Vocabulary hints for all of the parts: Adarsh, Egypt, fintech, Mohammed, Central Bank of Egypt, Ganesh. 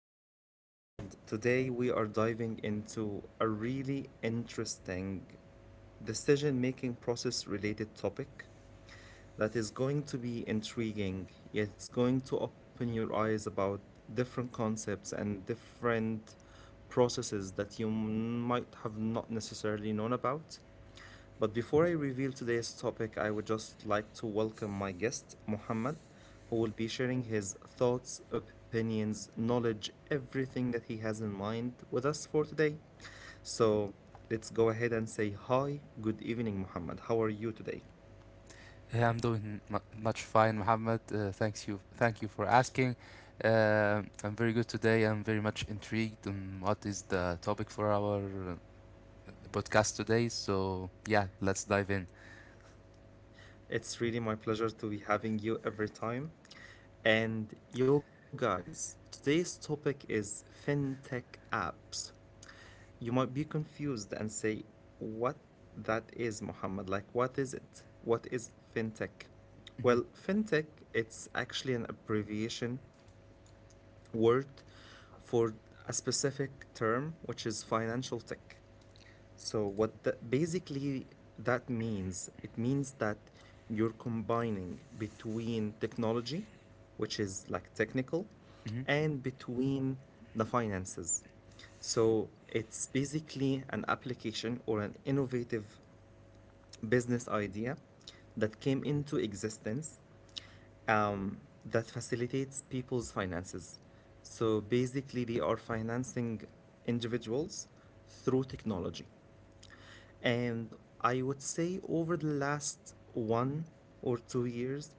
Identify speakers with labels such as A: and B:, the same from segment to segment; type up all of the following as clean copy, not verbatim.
A: Is Muhammad, and today we are diving into a really interesting decision making process related topic that is going to be intriguing, yet it's going to open your eyes about different concepts and different processes that you might have not necessarily known about. But before I reveal today's topic, I would just like to welcome my guest, Mohammed, who will be sharing his thoughts, opinions, knowledge, everything that he has in mind with us for today. So let's go ahead and say hi. Good evening, Mohammed. How are you today?
B: Yeah, I'm doing much fine, Mohammed. Thanks you, thank you for asking. I'm very good today. I'm very much intrigued on what is the topic for our podcast today. So yeah, let's dive in.
A: It's really my pleasure to be having you every time. And yo, guys, today's topic is fintech apps. You might be confused and say, what that is, Mohammed? Like, what is it? What is fintech?
B: hmm
A: Well, fintech, it's actually an abbreviation word for a specific term, which is financial tech. So what that basically that means, it means that you're combining between technology, which is like technical, and between the finances. So it's basically an application or an innovative business idea that came into existence that facilitates people's finances. So basically, they are financing individuals through technology. And I would say over the last 1 or 2 years,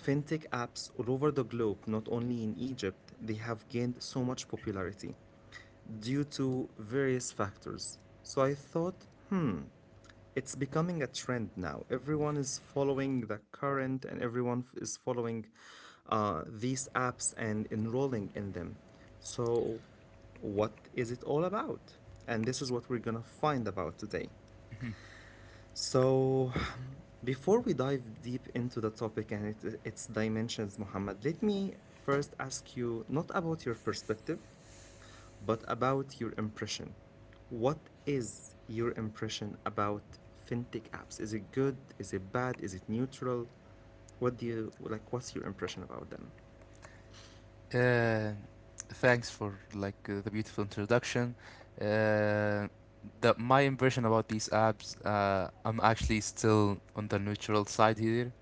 A: fintech apps all over the globe, not only in Egypt, they have gained so much popularity due to various factors. So I thought, it's becoming a trend now. Everyone is following the current and everyone is following these apps and enrolling in them. So, what is it all about? And this is what we're gonna find about today.
B: hmm
A: So, before we dive deep into the topic and its dimensions, Muhammad, let me first ask you not about your perspective, but about your impression. What is your impression about fintech apps? Is it good? Is it bad? Is it neutral? What do you like? What's your impression about them?
B: Uh, Thanks for like the beautiful introduction. Uh, my impression about these apps, I'm actually still on the neutral side here.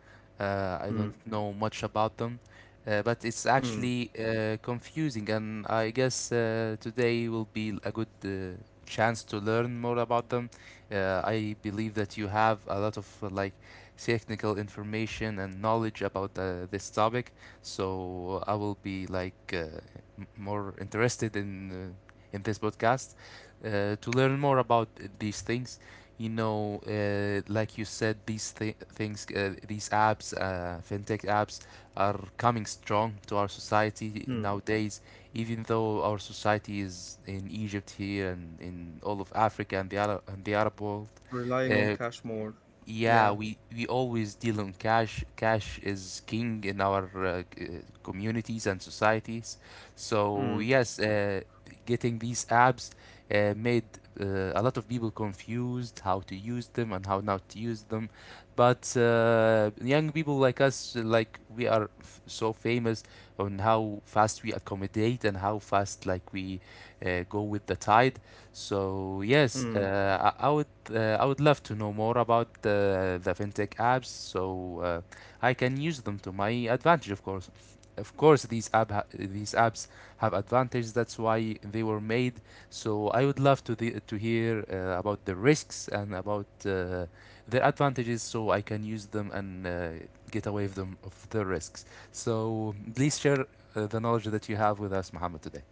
B: I
A: Mm,
B: don't know much about them, but it's
A: mm,
B: actually confusing, and I guess today will be a good chance to learn more about them. I believe that you have a lot of like technical information and knowledge about this topic, so I will be like more interested in this podcast to learn more about these things. You know, like you said, these apps, fintech apps, are coming strong to our society
A: mm.
B: nowadays. Even though our society is in Egypt here and in all of Africa and the Arab world,
A: Relying on
B: uh,
A: cash more.
B: yeah,
A: Yeah.
B: we always deal on cash. Cash is king in our communities and societies. So
A: Mm,
B: yes, getting these apps made a lot of people confused how to use them and how not to use them. But young people like us, like we are f so famous on how fast we accommodate and how fast like we go with the tide. So yes,
A: mm.
B: I would I would love to know more about the fintech apps, so I can use them to my advantage, of course. Of course, these apps have advantages. That's why they were made. So I would love to hear about the risks and about their advantages, so I can use them and get away of them of the risks. So please share the knowledge that you have with us, Muhammad, today.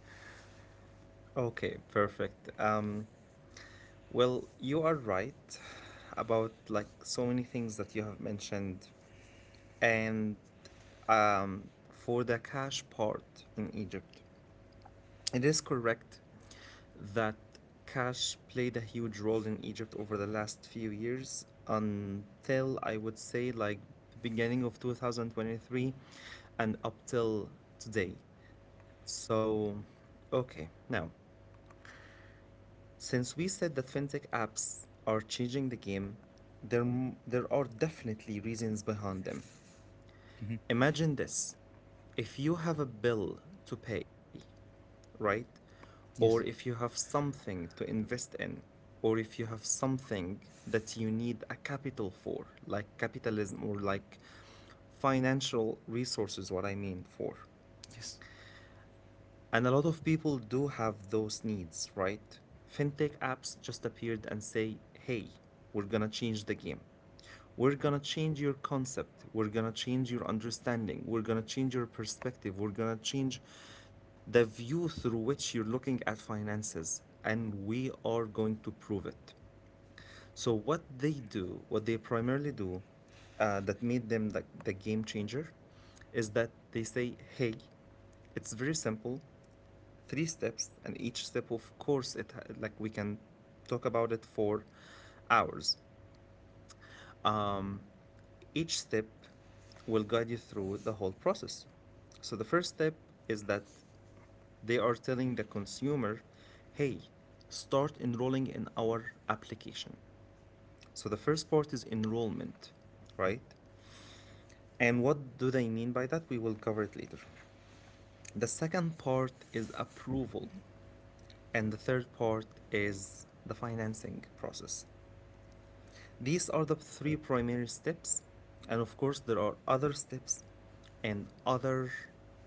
A: Okay, perfect. Well, you are right about like so many things that you have mentioned. And for the cash part in Egypt, it is correct that cash played a huge role in Egypt over the last few years until I would say like the beginning of 2023 and up till today. So, okay, now. Since we said that fintech are changing the game, there, there are definitely reasons behind them.
B: hmm
A: Imagine this, if you have a bill to pay, right? Or if you
B: Yes,
A: have something to invest in, or if you have something that you need a capital for, like capitalism or like financial resources, what I mean for.
B: yes.
A: And a lot of people do have those needs, right? Fintech apps just appeared and say, hey, we're gonna change the game. We're gonna change your concept. We're gonna change your understanding. We're gonna change your perspective. We're gonna change the view through which you're looking at finances. And we are going to prove it. What they do, what they primarily do that made them the game changer, is that they say, hey, it's very simple, three steps, and each step, of course, it like we can talk about it for hours. um, each step will guide you through the whole process. So the first step is that they are telling the consumer, hey, start enrolling in our application. So the first part is enrollment, right? And what do they mean by that, we will cover it later. The second part is approval, and the third part is the financing process. These are the three primary steps, and of course, there are other steps and other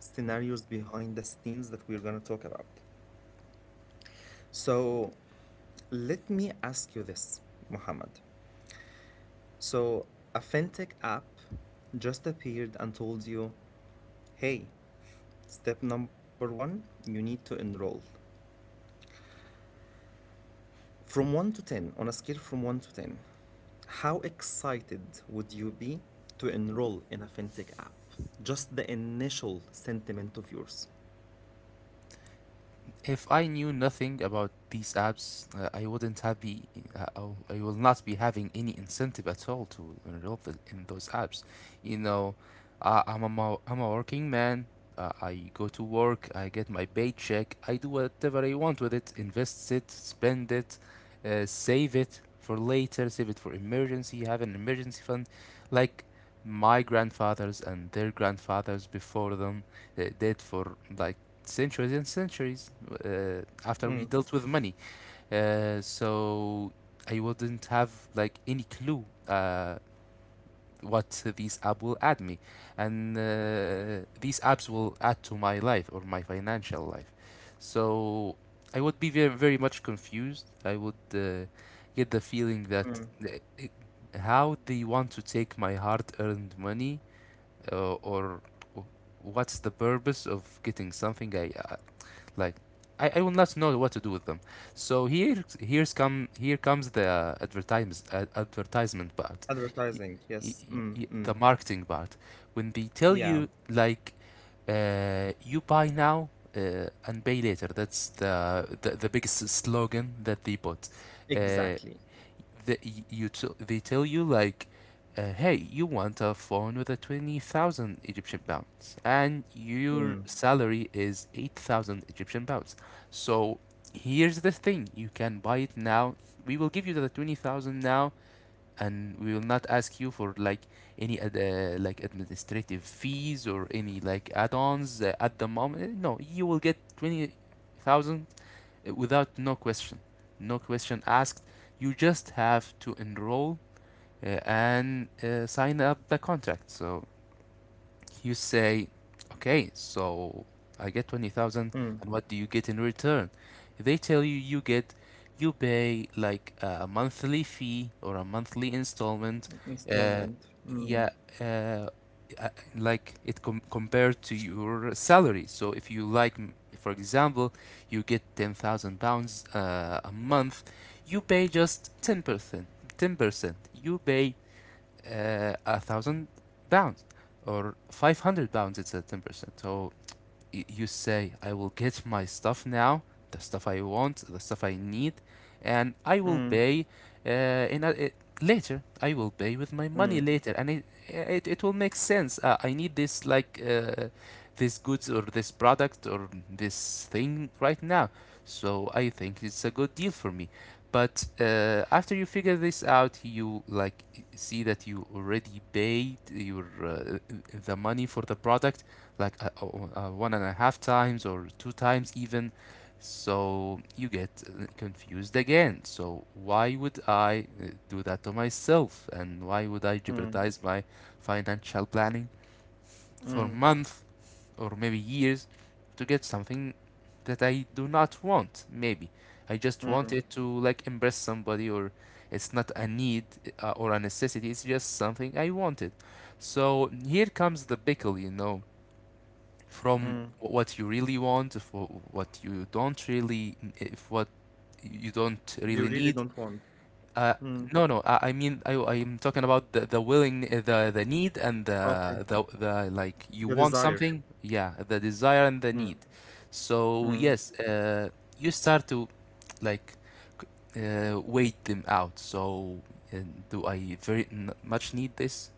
A: scenarios behind the scenes that we're going to talk about. So, let me ask you this, Mohammed. So, a fintech app just appeared and told you, hey, step number one, you need to enroll. From 1 to 10, on a scale from 1 to 10, how excited would you be to enroll in a fintech app? Just the initial sentiment of yours.
B: If I knew nothing about these apps, uh, I'll not be having any incentive at all to enroll in those apps. You know, I'm a working man. I go to work. I get my paycheck. I do whatever I want with it. Invest it, spend it, save it for later. Save it for emergency. Have an emergency fund, like my grandfathers and their grandfathers before them did for like centuries and centuries after we
A: Mm,
B: dealt with money. So I wouldn't have like any clue what these apps will add me, and these apps will add to my life or my financial life. So I would be very very much confused. I would get the feeling that
A: mm.
B: it- how they want to take my hard-earned money, or what's the purpose of getting something I like, I will not know what to do with them. So here comes the advertisement part, Y-
A: Advertising,
B: y-
A: yes. Mm,
B: the
A: mm.
B: marketing part. When they tell
A: Yeah,
B: you like, you buy now and pay later. That's the biggest slogan that they put. Uh,
A: exactly.
B: the they tell you like, hey, you want a phone with a 20,000 egyptian pounds and your
A: Mm,
B: salary is 8,000 egyptian pounds. So here's the thing, you can buy it now. We will give you the 20,000 now, and we will not ask you for like any like administrative fees or any like add-ons at the moment. No, you will get 20,000 without no question asked. You just have to enroll and sign up the contract. So you say, okay, so I get 20,000,
A: mm.
B: and what do you get in return? They tell you you pay like a monthly fee or a monthly installment. Uh,
A: Installment.
B: yeah,
A: Mm,
B: uh, uh, like it com compared to your salary. So if you like, for example, you get 10,000 pounds a month, you pay just 10%, 10%. You pay a 1,000 pounds or 500 pounds, it's a 10%. So you say, I will get my stuff now, the stuff I want, the stuff I need, and I will
A: mm,
B: pay uh, in a, uh, later. I will pay with my money
A: mm,
B: later, and it will make sense. I need this like this goods or this product or this thing right now, so I think it's a good deal for me. But after you figure this out, you like see that you already paid your the money for the product like oh, one and a half times or two times even. So you get confused again. So why would I do that to myself? And why would I
A: mm,
B: jeopardize my financial planning for
A: mm,
B: months or maybe years to get something that I do not want? Maybe I just
A: mm,
B: wanted to like impress somebody, or it's not a need or a necessity. It's just something I wanted. So here comes the pickle, you know, from
A: mm.
B: what you really want, for what you don't really
A: You really
B: need.
A: don't want.
B: Uh,
A: Mm.
B: no, no. I mean, I'm talking about the the need, and the
A: Okay,
B: the the like. You
A: the
B: want
A: desire.
B: something, yeah. The desire and the need.
A: Mm,
B: So
A: mm,
B: yes, you start to like wait them out. So uh, do I very n much need this?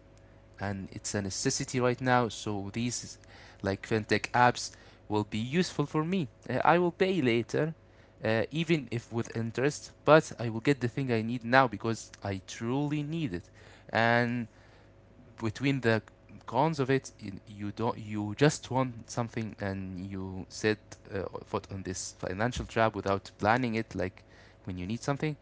B: And it's a necessity right now. So these like fintech apps will be useful for me. I will pay later, even if with interest, but I will get the thing I need now because I truly need it. And between the cons of it, you don't you just want something and you set foot on this financial trap without planning it, like when you need something,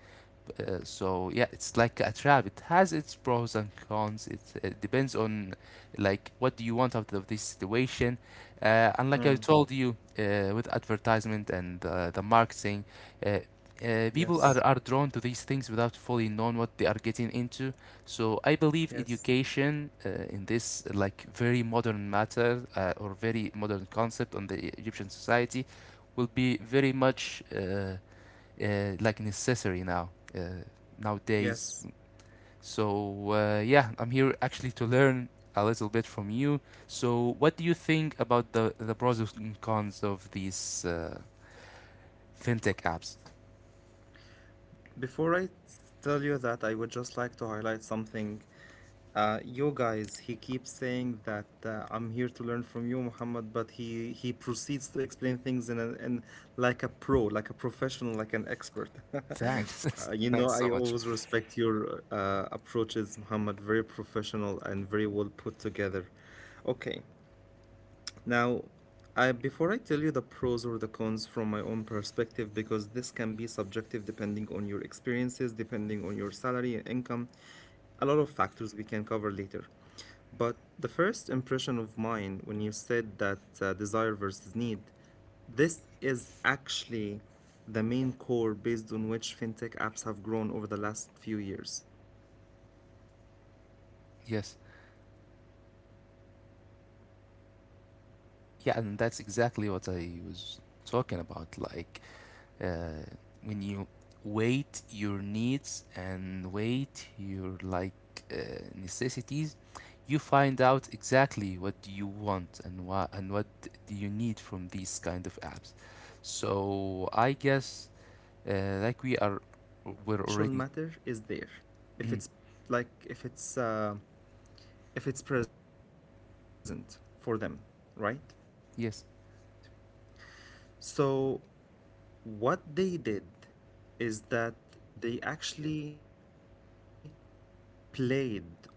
B: so yeah, it's like a trap. It has its pros and cons. It depends on like what do you want out of this situation. And like I
A: mm.
B: told you, with advertisement and the marketing, uh, people
A: Yes,
B: are drawn to these things without fully knowing what they are getting into. So I believe
A: yes,
B: education in this like very modern matter or very modern concept on the Egyptian society will be very much. Like necessary now uh, nowadays.
A: yes.
B: So yeah, I'm here actually to learn a little bit from you. So what do you think about the pros and cons of these fintech apps?
A: Before I tell you that, I would just like to highlight something. You guys, he keeps saying that I'm here to learn from you, Muhammad, but he proceeds to explain things in a, in like a professional, like an expert.
B: Thanks, thanks
A: I
B: so much.
A: always respect your approaches, Muhammad. Very professional and very well put together. Okay, now, before I tell you the pros or the cons from my own perspective, because this can be subjective depending on your experiences, depending on your salary and income, a lot of factors we can cover later. But the first impression of mine when you said that desire versus need, this is actually the main core based on which fintech apps have grown over the last few years. So, um,
B: Yes,
A: when we say desire versus need, they
B: yeah,
A: knew the
B: and that's
A: market.
B: exactly what I was talking
A: Right?
B: about. Like
A: They
B: uh,
A: knew
B: when
A: that
B: you weight
A: people,
B: your
A: they
B: needs
A: have a
B: and
A: desire
B: weight your like uh,
A: more than needs,
B: necessities, you find out
A: and
B: exactly
A: these
B: what do you
A: desires
B: want and
A: will only be
B: what do
A: met,
B: you need from these kind
A: only
B: of
A: be
B: apps.
A: met if
B: So
A: the
B: I
A: financial
B: guess
A: matter is
B: uh,
A: there,
B: like we are
A: if it's
B: we're
A: like
B: already, mm,
A: if it's present for them, right? So, what they did is that
B: yes.
A: they actually played on the factor. They played on the financial factor in here. And what is that financial factor?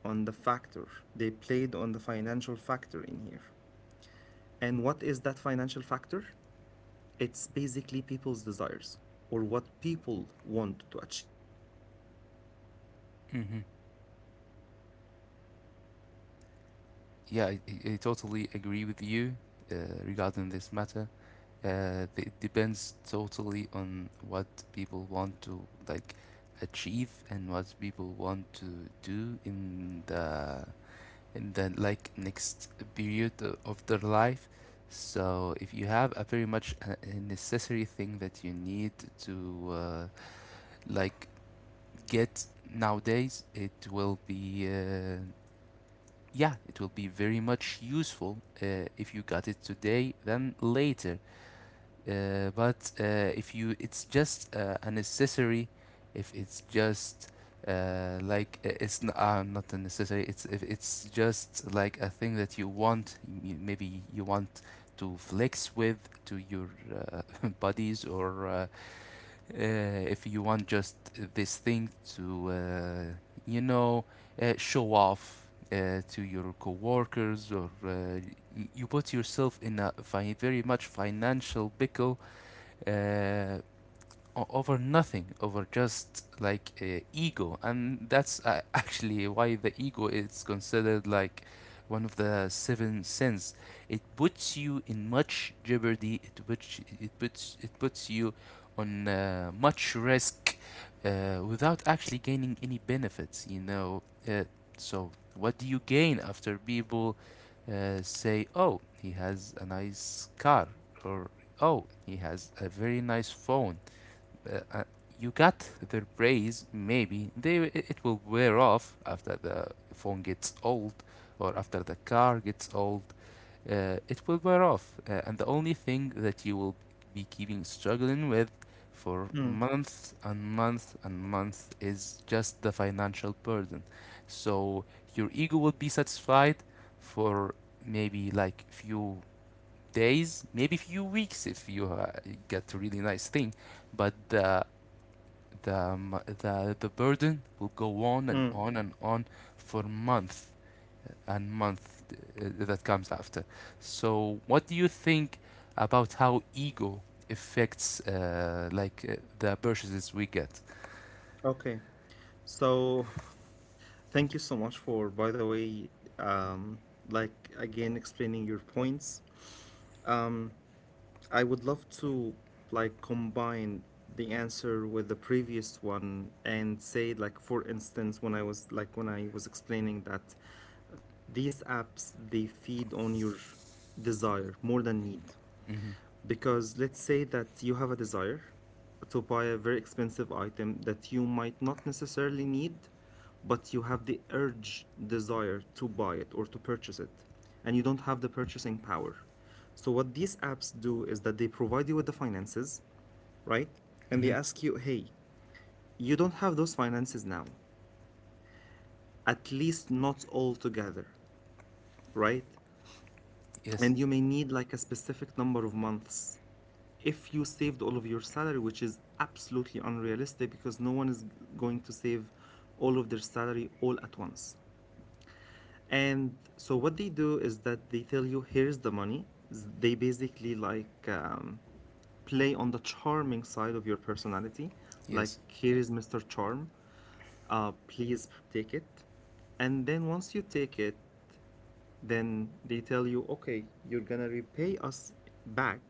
A: It's basically people's desires or what people want to achieve. So, let me explain it further. The example that you provided, that you have provided,
B: Hmm,
A: right? When you said that people or someone
B: yeah,
A: needs
B: I,
A: a
B: I I
A: phone,
B: totally agree with
A: right?
B: you uh,
A: And
B: regarding
A: that
B: this
A: phone is,
B: matter.
A: for example, is for twenty
B: It
A: thousand
B: depends
A: pounds.
B: totally on what people
A: Now,
B: want to like
A: not
B: achieve
A: everyone
B: and what
A: needs a
B: people
A: very
B: want
A: high
B: to
A: end
B: do
A: or needs a very expensive phone.
B: in the like next period of their life. So if you have a very much a necessary thing that you need to like get nowadays, it will be yeah, it will be very much useful if you got it today than later. But if you, it's just a necessary. If it's just not a necessary. It's if it's just like a thing that you want. Maybe you want to flex with to your buddies, or if you want just this thing to, you know, show off. To your coworkers, or you put yourself in a very much financial pickle é, over nothing, over just like ego, and that's actually why the ego is considered like one of the seven sins. It puts you in much jeopardy. It puts you on much risk without actually gaining any benefits. So what do you gain after people say, "Oh, he has a nice car," or "Oh, he has a very nice phone," uh, uh, you got the praise maybe they it will wear off after the phone gets old or after the car gets old, it will wear off, and the only thing that you will be keeping struggling with for
A: Mm,
B: months and months and months is just the financial burden. So your ego will be satisfied for maybe like few days maybe few weeks if you get a really nice thing, but the the burden will go on and
A: mm,
B: on and on for month and month, that comes after. So, what do you think about how ego affects the purchases we get?
A: okay. So thank you so much for, by the way, like again explaining your points. Um, I would love to like combine the answer with the previous one and say, like, for instance, when I was explaining that these apps they feed on your desire more than need.
B: Mm-hmm.
A: Because let's that you have a desire to buy a very expensive item that you might not necessarily need, but you have the urge, desire to buy it or to purchase it, and you don't have the purchasing power. So, what these apps do is that they provide you with the finances, right? And they
B: Mm-hmm.
A: ask you, hey, you don't have those finances now, at least not all together, right?
B: Yes.
A: And you may need like a specific number of months if you saved all of your salary, which is absolutely unrealistic because no one is going to save all of their salary all at once. And so what they do is that they tell you, here's the money. They basically like play on the charming side of your personality. Like,
B: Yes.
A: here is Mr. Charm. Please take it. And then once you take it, then they tell you, okay, you're gonna repay us back,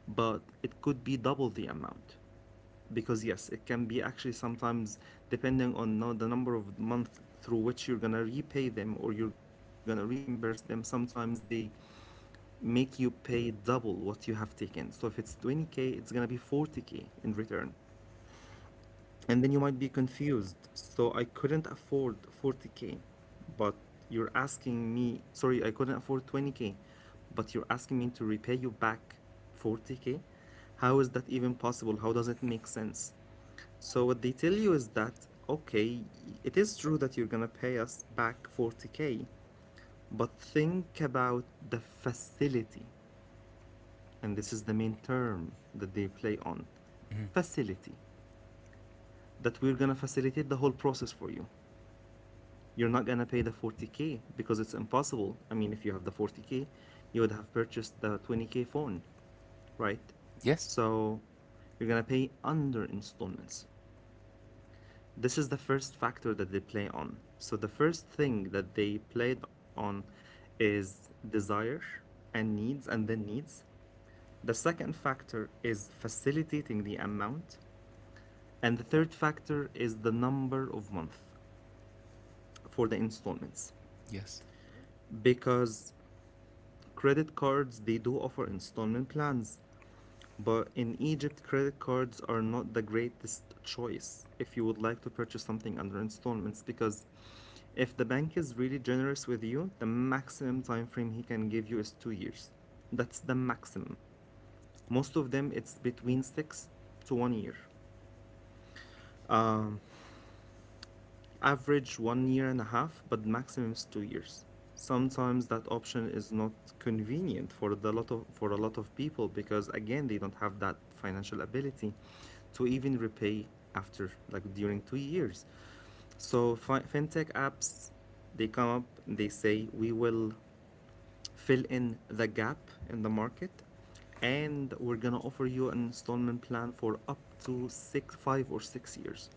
A: but it could be double the amount, because yes, it can be actually sometimes. Depending on now the number of month through which you're going to repay them or you're going to reimburse them, sometimes they make you pay double what you have taken. So if it's 20K, it's going to be 40K in return, and then you might be confused. So I couldn't afford 40K, but you're asking me, sorry, I couldn't afford 20K, but you're asking me to repay you back 40K? How is that even possible? How does it make sense? So what they tell you is that, okay, it is true that you're gonna pay us back 40K, but think about the facility. And this is the main term that they play on.
B: Mm-hmm.
A: Facility. That we're gonna facilitate the whole process for you. You're not gonna pay the 40K because it's impossible. I mean, if you have the 40K, you would have purchased the 20K phone, right?
B: Yes.
A: So you're gonna pay under installments. This is the first factor that they play on. So the first thing that they played on is desire and needs, and then needs. The second factor is facilitating the amount. And the third factor is the number of months for the installments.
B: Yes.
A: Because credit cards, they do offer installment plans. But in Egypt, credit cards are not the greatest choice if you would like to purchase something under installments, because if the bank is really generous with you, the maximum time frame he can give you is 2 years. That's the maximum. Most of them, it's between 6 to 1 year. Average 1 year and a half, but maximum is 2 years. Sometimes that option is not convenient for the lot of for a lot of people, because again they don't have that financial ability to even repay after like during 2 years. So fintech apps, they come up, they say we will fill in the gap in the market, and we're gonna offer you an installment plan for up to six, five or 6 years.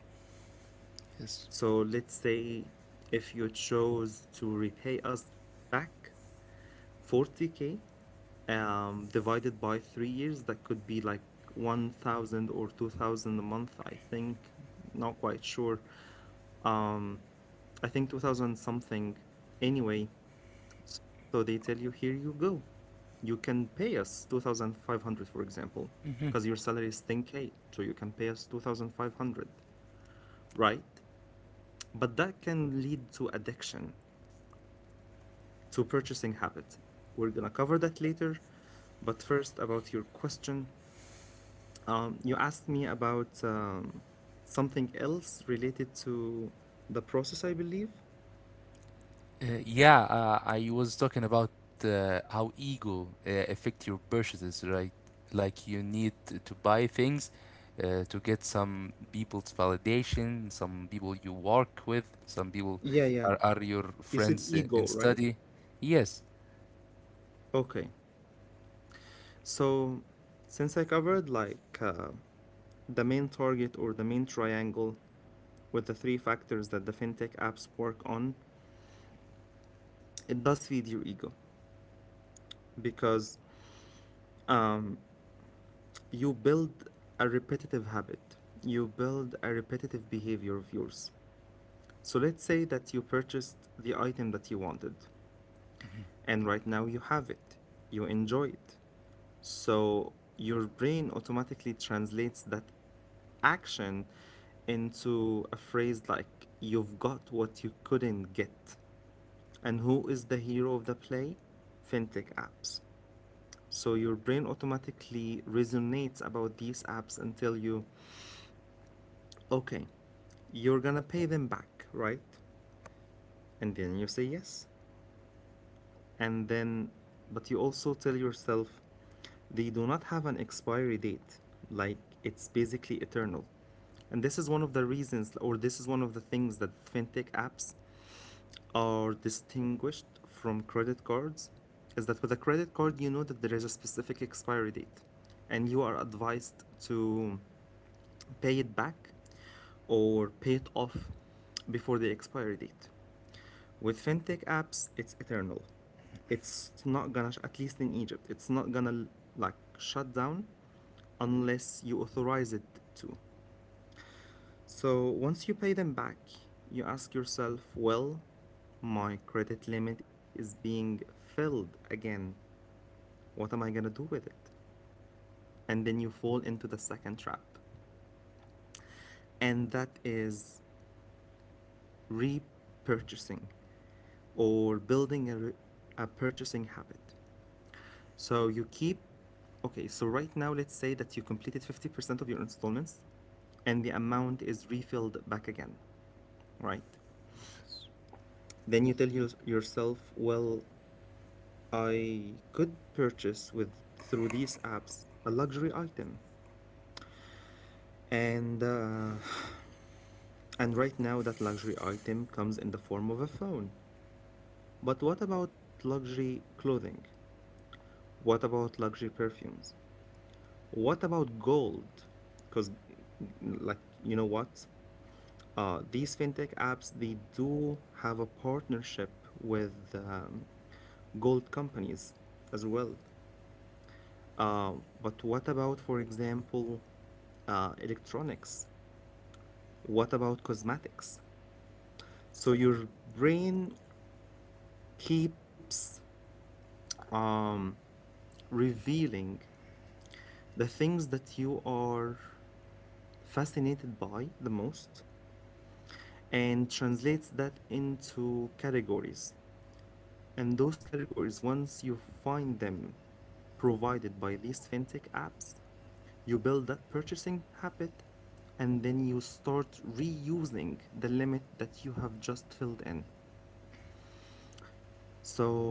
B: Yes.
A: So let's say if you chose to repay us back 40k, divided by 3 years, that could be like 1,000 or 2,000 a month. I think, not quite sure, um, I think 2000 something, anyway. So they tell you, here you go. You can pay us 2,500, for example, because
B: Mm-hmm.
A: your salary is 10K. So you can pay us 2,500, right? But that can lead to addiction, to purchasing habit. We're going to cover that later. But first, about your question, you asked me about something else related to the process, I believe.
B: Yeah, I was talking about how ego affect your purchases, right? Like you need to buy things to get some people's validation, some people you work with, some people
A: Yeah, yeah.
B: are your
A: You said
B: friends in
A: ego, right?
B: study. Yes,
A: Okay. So, since I covered like the main target or the main triangle with the three factors that the fintech apps work on, it does feed your ego because, um, you build a repetitive habit, you build a repetitive behavior of yours. So, let's say that you purchased the item that you wanted, and right now you have it, you enjoy it. So, your brain automatically translates that action into a phrase like, you've got what you couldn't get. And who is the hero of the play? Fintech apps. So your brain automatically resonates about these apps and tell you, okay, you're gonna pay them back, right? And then you say yes. And then, but you also tell yourself, they do not have an expiry date. Like it's basically eternal. And this is one of the reasons, or this is one of the things that fintech apps are distinguished from credit cards, is that with a credit card, you know that there is a specific expiry date and you are advised to pay it back or pay it off before the expiry date. With fintech apps, it's eternal. It's not gonna, at least in Egypt, it's not gonna like shut down unless you authorize it to. So once you pay them back, you ask yourself, well, my credit limit is being filled again. What am I going to do with it? And then you fall into the second trap. And that is repurchasing or building a, purchasing habit. So you keep, okay, so right now, let's say that you completed 50% of your installments and the amount is refilled back again, right? Then you tell yourself, well, I could purchase with, through these apps, a luxury item. And uh, and right now that luxury item comes in the form of a phone. But what about luxury clothing? What about luxury perfumes? What about gold? Because, like, you know what? These fintech apps, they do have a partnership with, gold companies as well. But what about, for example, electronics? What about cosmetics? So your brain keeps um, revealing things that you are fascinated by the most and translates that into categories. And those categories, once you find them provided by these fintech apps, you build that purchasing habit, and then you start reusing the limit that you have just filled in. So,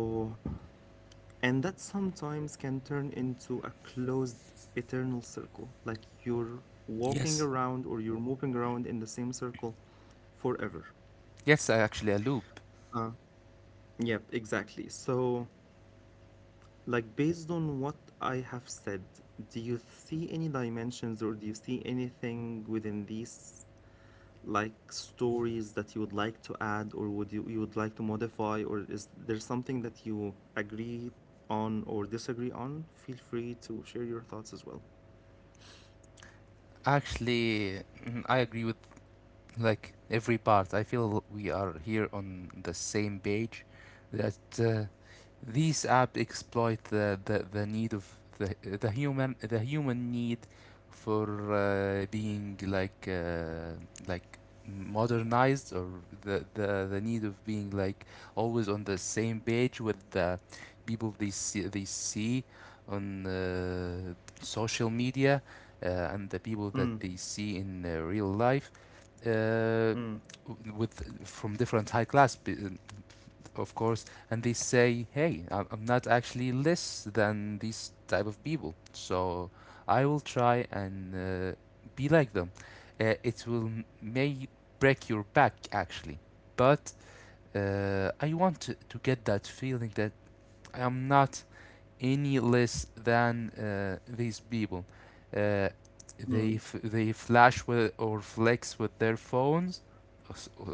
A: and that sometimes can turn into a closed eternal circle, like you're walking
B: yes,
A: around or you're moving around in the same circle forever.
B: yes. I. Actually, a loop.
A: Yep, exactly. So, like, based on what I have said, do you see any dimensions, or do you see anything within these, like, stories that you would like to add, or would you, would like to modify, or is there something that you agree on or disagree on? Feel free to share your thoughts as well.
B: Actually, I agree with like every part. I feel we are here on the same page that these apps exploit the need of the human need for being like like modernized, or the need of being like always on the same page with the people they see on social media, and the people
A: Mm,
B: that they see in real life, uh,
A: mm,
B: with from different high class, uh, of course, and they say, "Hey, am not actually less than these type of people, so I will try and be like them." It will may break your back actually, but I want to get that feeling that I am not any less than these people. Uh,
A: mm,
B: they flash with or flex with their phones,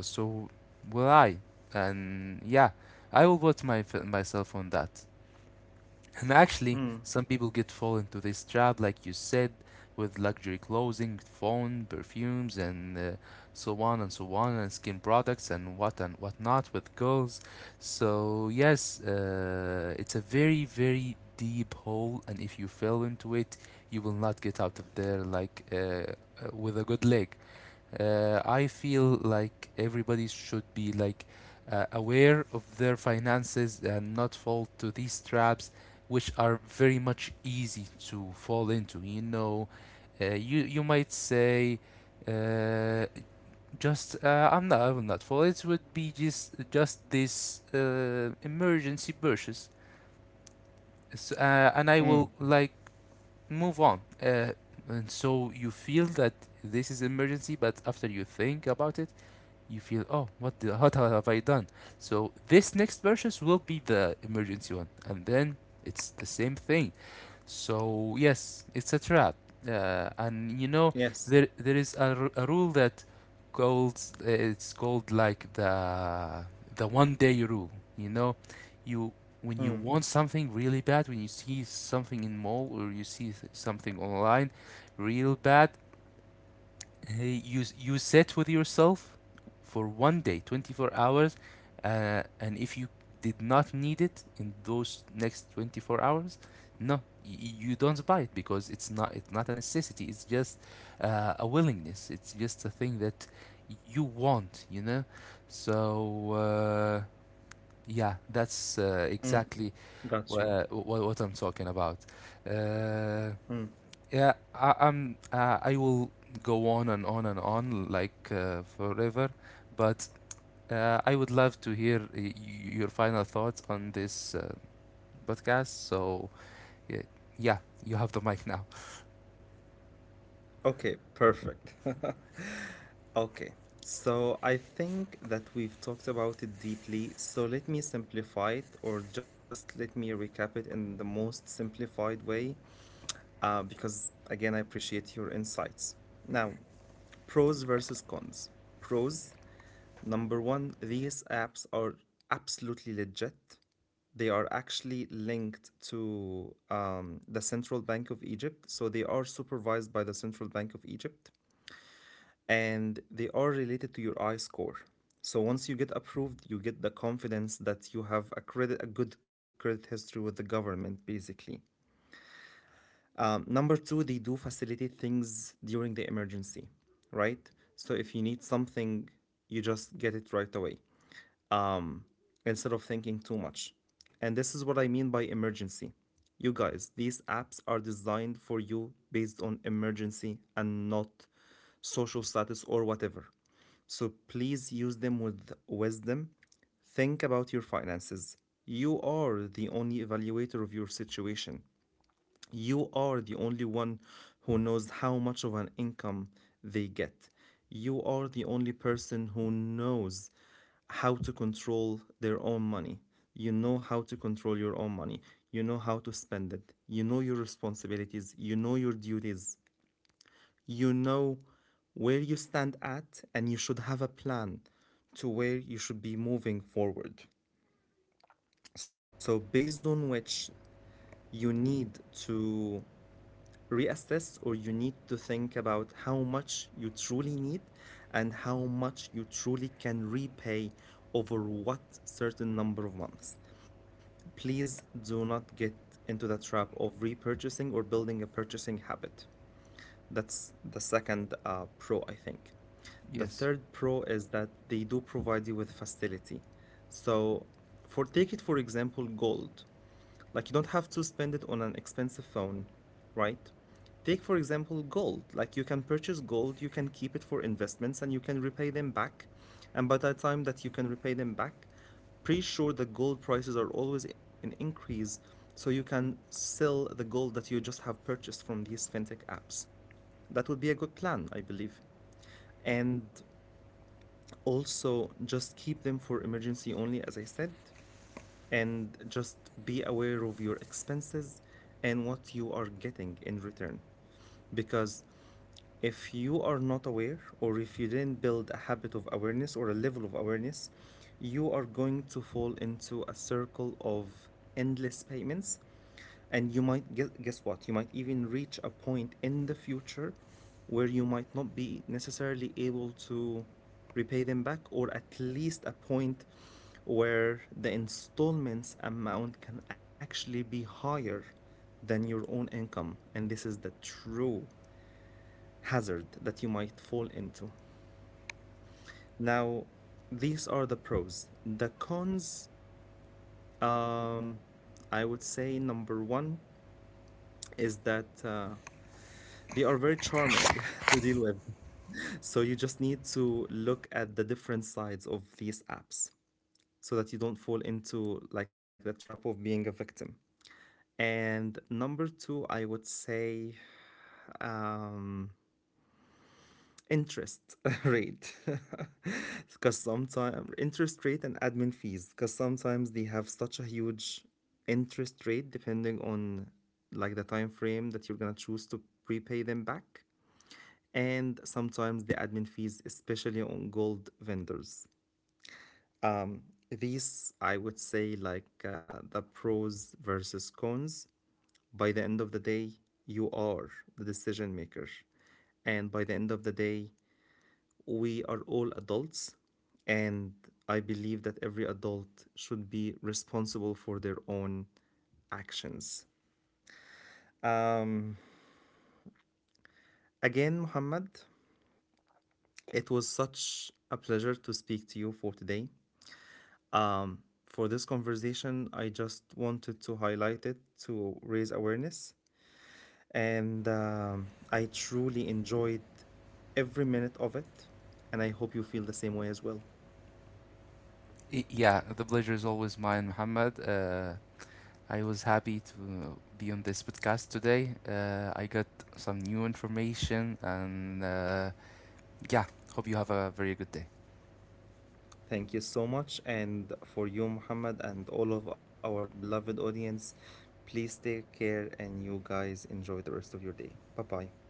B: so will I. And yeah, I will put my myself on that. And actually,
A: mm,
B: some people get fall into this trap, like you said, with luxury clothing, phone, perfumes, and so on and so on, and skin products and what not with girls. So yes, it's a very very deep hole, and if you fell into it, you will not get out of there like with a good leg. I feel like everybody should be like aware of their finances and not fall to these traps, which are very much easy to fall into. You might say, uh, just I will not fall. It would be just this emergency purchase, S and I
A: mm.
B: will like move on. And so you feel that this is emergency, but after you think about it, you feel, oh, what the what have I done? So this next versus will be the emergency one, and then it's the same thing. So yes, it's a trap. And there
A: Yes.
B: is a rule that calls it's called like the one day rule. You know you When you
A: Mm,
B: want something really bad, when you see something in mall or you see something online real bad, hey, you sat with yourself for one day, 24 hours, and if you did not need it in those next 24 hours, no, you don't buy it because it's not a necessity. It's just a willingness. It's just a thing that you want. So yeah, that's
A: mm.
B: exactly
A: Got you.
B: what I'm talking about. Uh,
A: Mm.
B: yeah, I'm. I will go on and on and on like forever, but I would love to hear your final thoughts on this podcast. So, yeah, yeah, you have the mic now.
A: Okay, perfect. Okay, so I think that we've talked about it deeply. So let me simplify it, or just let me recap it in the most simplified way. Because again, I appreciate your insights. Now, pros versus cons. Pros, number one, these apps are absolutely legit. They are actually linked to, the Central Bank of Egypt. So they are supervised by the Central Bank of Egypt and they are related to your I score. So once you get approved, you get the confidence that you have a credit, a good credit history with the government, basically. Number two, they do facilitate things during the emergency, right? So if you need something, you just get it right away, um, instead of thinking too much. And this is what I mean by emergency. You guys, these apps are designed for you based on emergency and not social status or whatever. So please use them with wisdom. Think about your finances. You are the only evaluator of your situation. You are the only one who knows how much of an income they get. You are the only person who knows how to control their own money. You know how to control your own money. You know how to spend it. You know your responsibilities. You know your duties. You know where you stand at, and you should have a plan to where you should be moving forward. So, based on which you need to reassess, or you need think about how much you truly need and how much you truly can repay over what certain number of months. Please do not get into the trap of repurchasing or building a purchasing habit. That's the second pro, I think. The
B: Yes.
A: third pro is that they do provide you with facility. So, for take it for example, gold. Like you don't have to spend it on an expensive phone, right? Take for example gold. Like you can purchase gold, you can keep it for investments, and you can repay them back. And by the time that you can repay them back, pretty sure the gold prices are always in increase, so you can sell the gold that you just have purchased from these fintech apps. That would be a good plan, I believe. And also, just keep them for emergency only, as I said, and just be aware of your expenses and what you are getting in return. Because if you are not aware, or if you didn't build a habit of awareness or a level of awareness, you are going to fall into a circle of endless payments. And you might guess, what? You might even reach a point in the future where you might not be necessarily able to repay them back, or at least a point where the installments amount can actually be higher than your own income. And this is the true hazard that you might fall into. Now, these are the pros. The cons, um, I would say number one is that they are very to deal with. So you just need to look at the different sides of these apps so that you don't fall into like the trap of being a victim. And number two, I would say, um, interest rate because sometimes interest rate and admin fees, because sometimes they have such a huge interest rate depending on like the time frame that you're gonna choose to prepay them back, and sometimes the admin fees, especially on gold vendors. These, I would say, like, the pros versus cons. By the end of the day, you are the decision maker, and by the end of the day, we are all adults, and I believe that every adult should be responsible for their own actions. Um, Again, Muhammad, it was such a pleasure to speak to you for today. Um, for this conversation, I just wanted to highlight it to raise awareness, and I truly enjoyed every minute of it, and I hope you feel the same way as well.
B: Yeah, the pleasure is always mine, Muhammad. I was happy to be on this podcast today. I got some new information, and yeah, hope you have a very good day.
A: Thank you so much. And for you, Muhammad, and all of our beloved audience, please take care and you guys enjoy the rest of your day. Bye bye.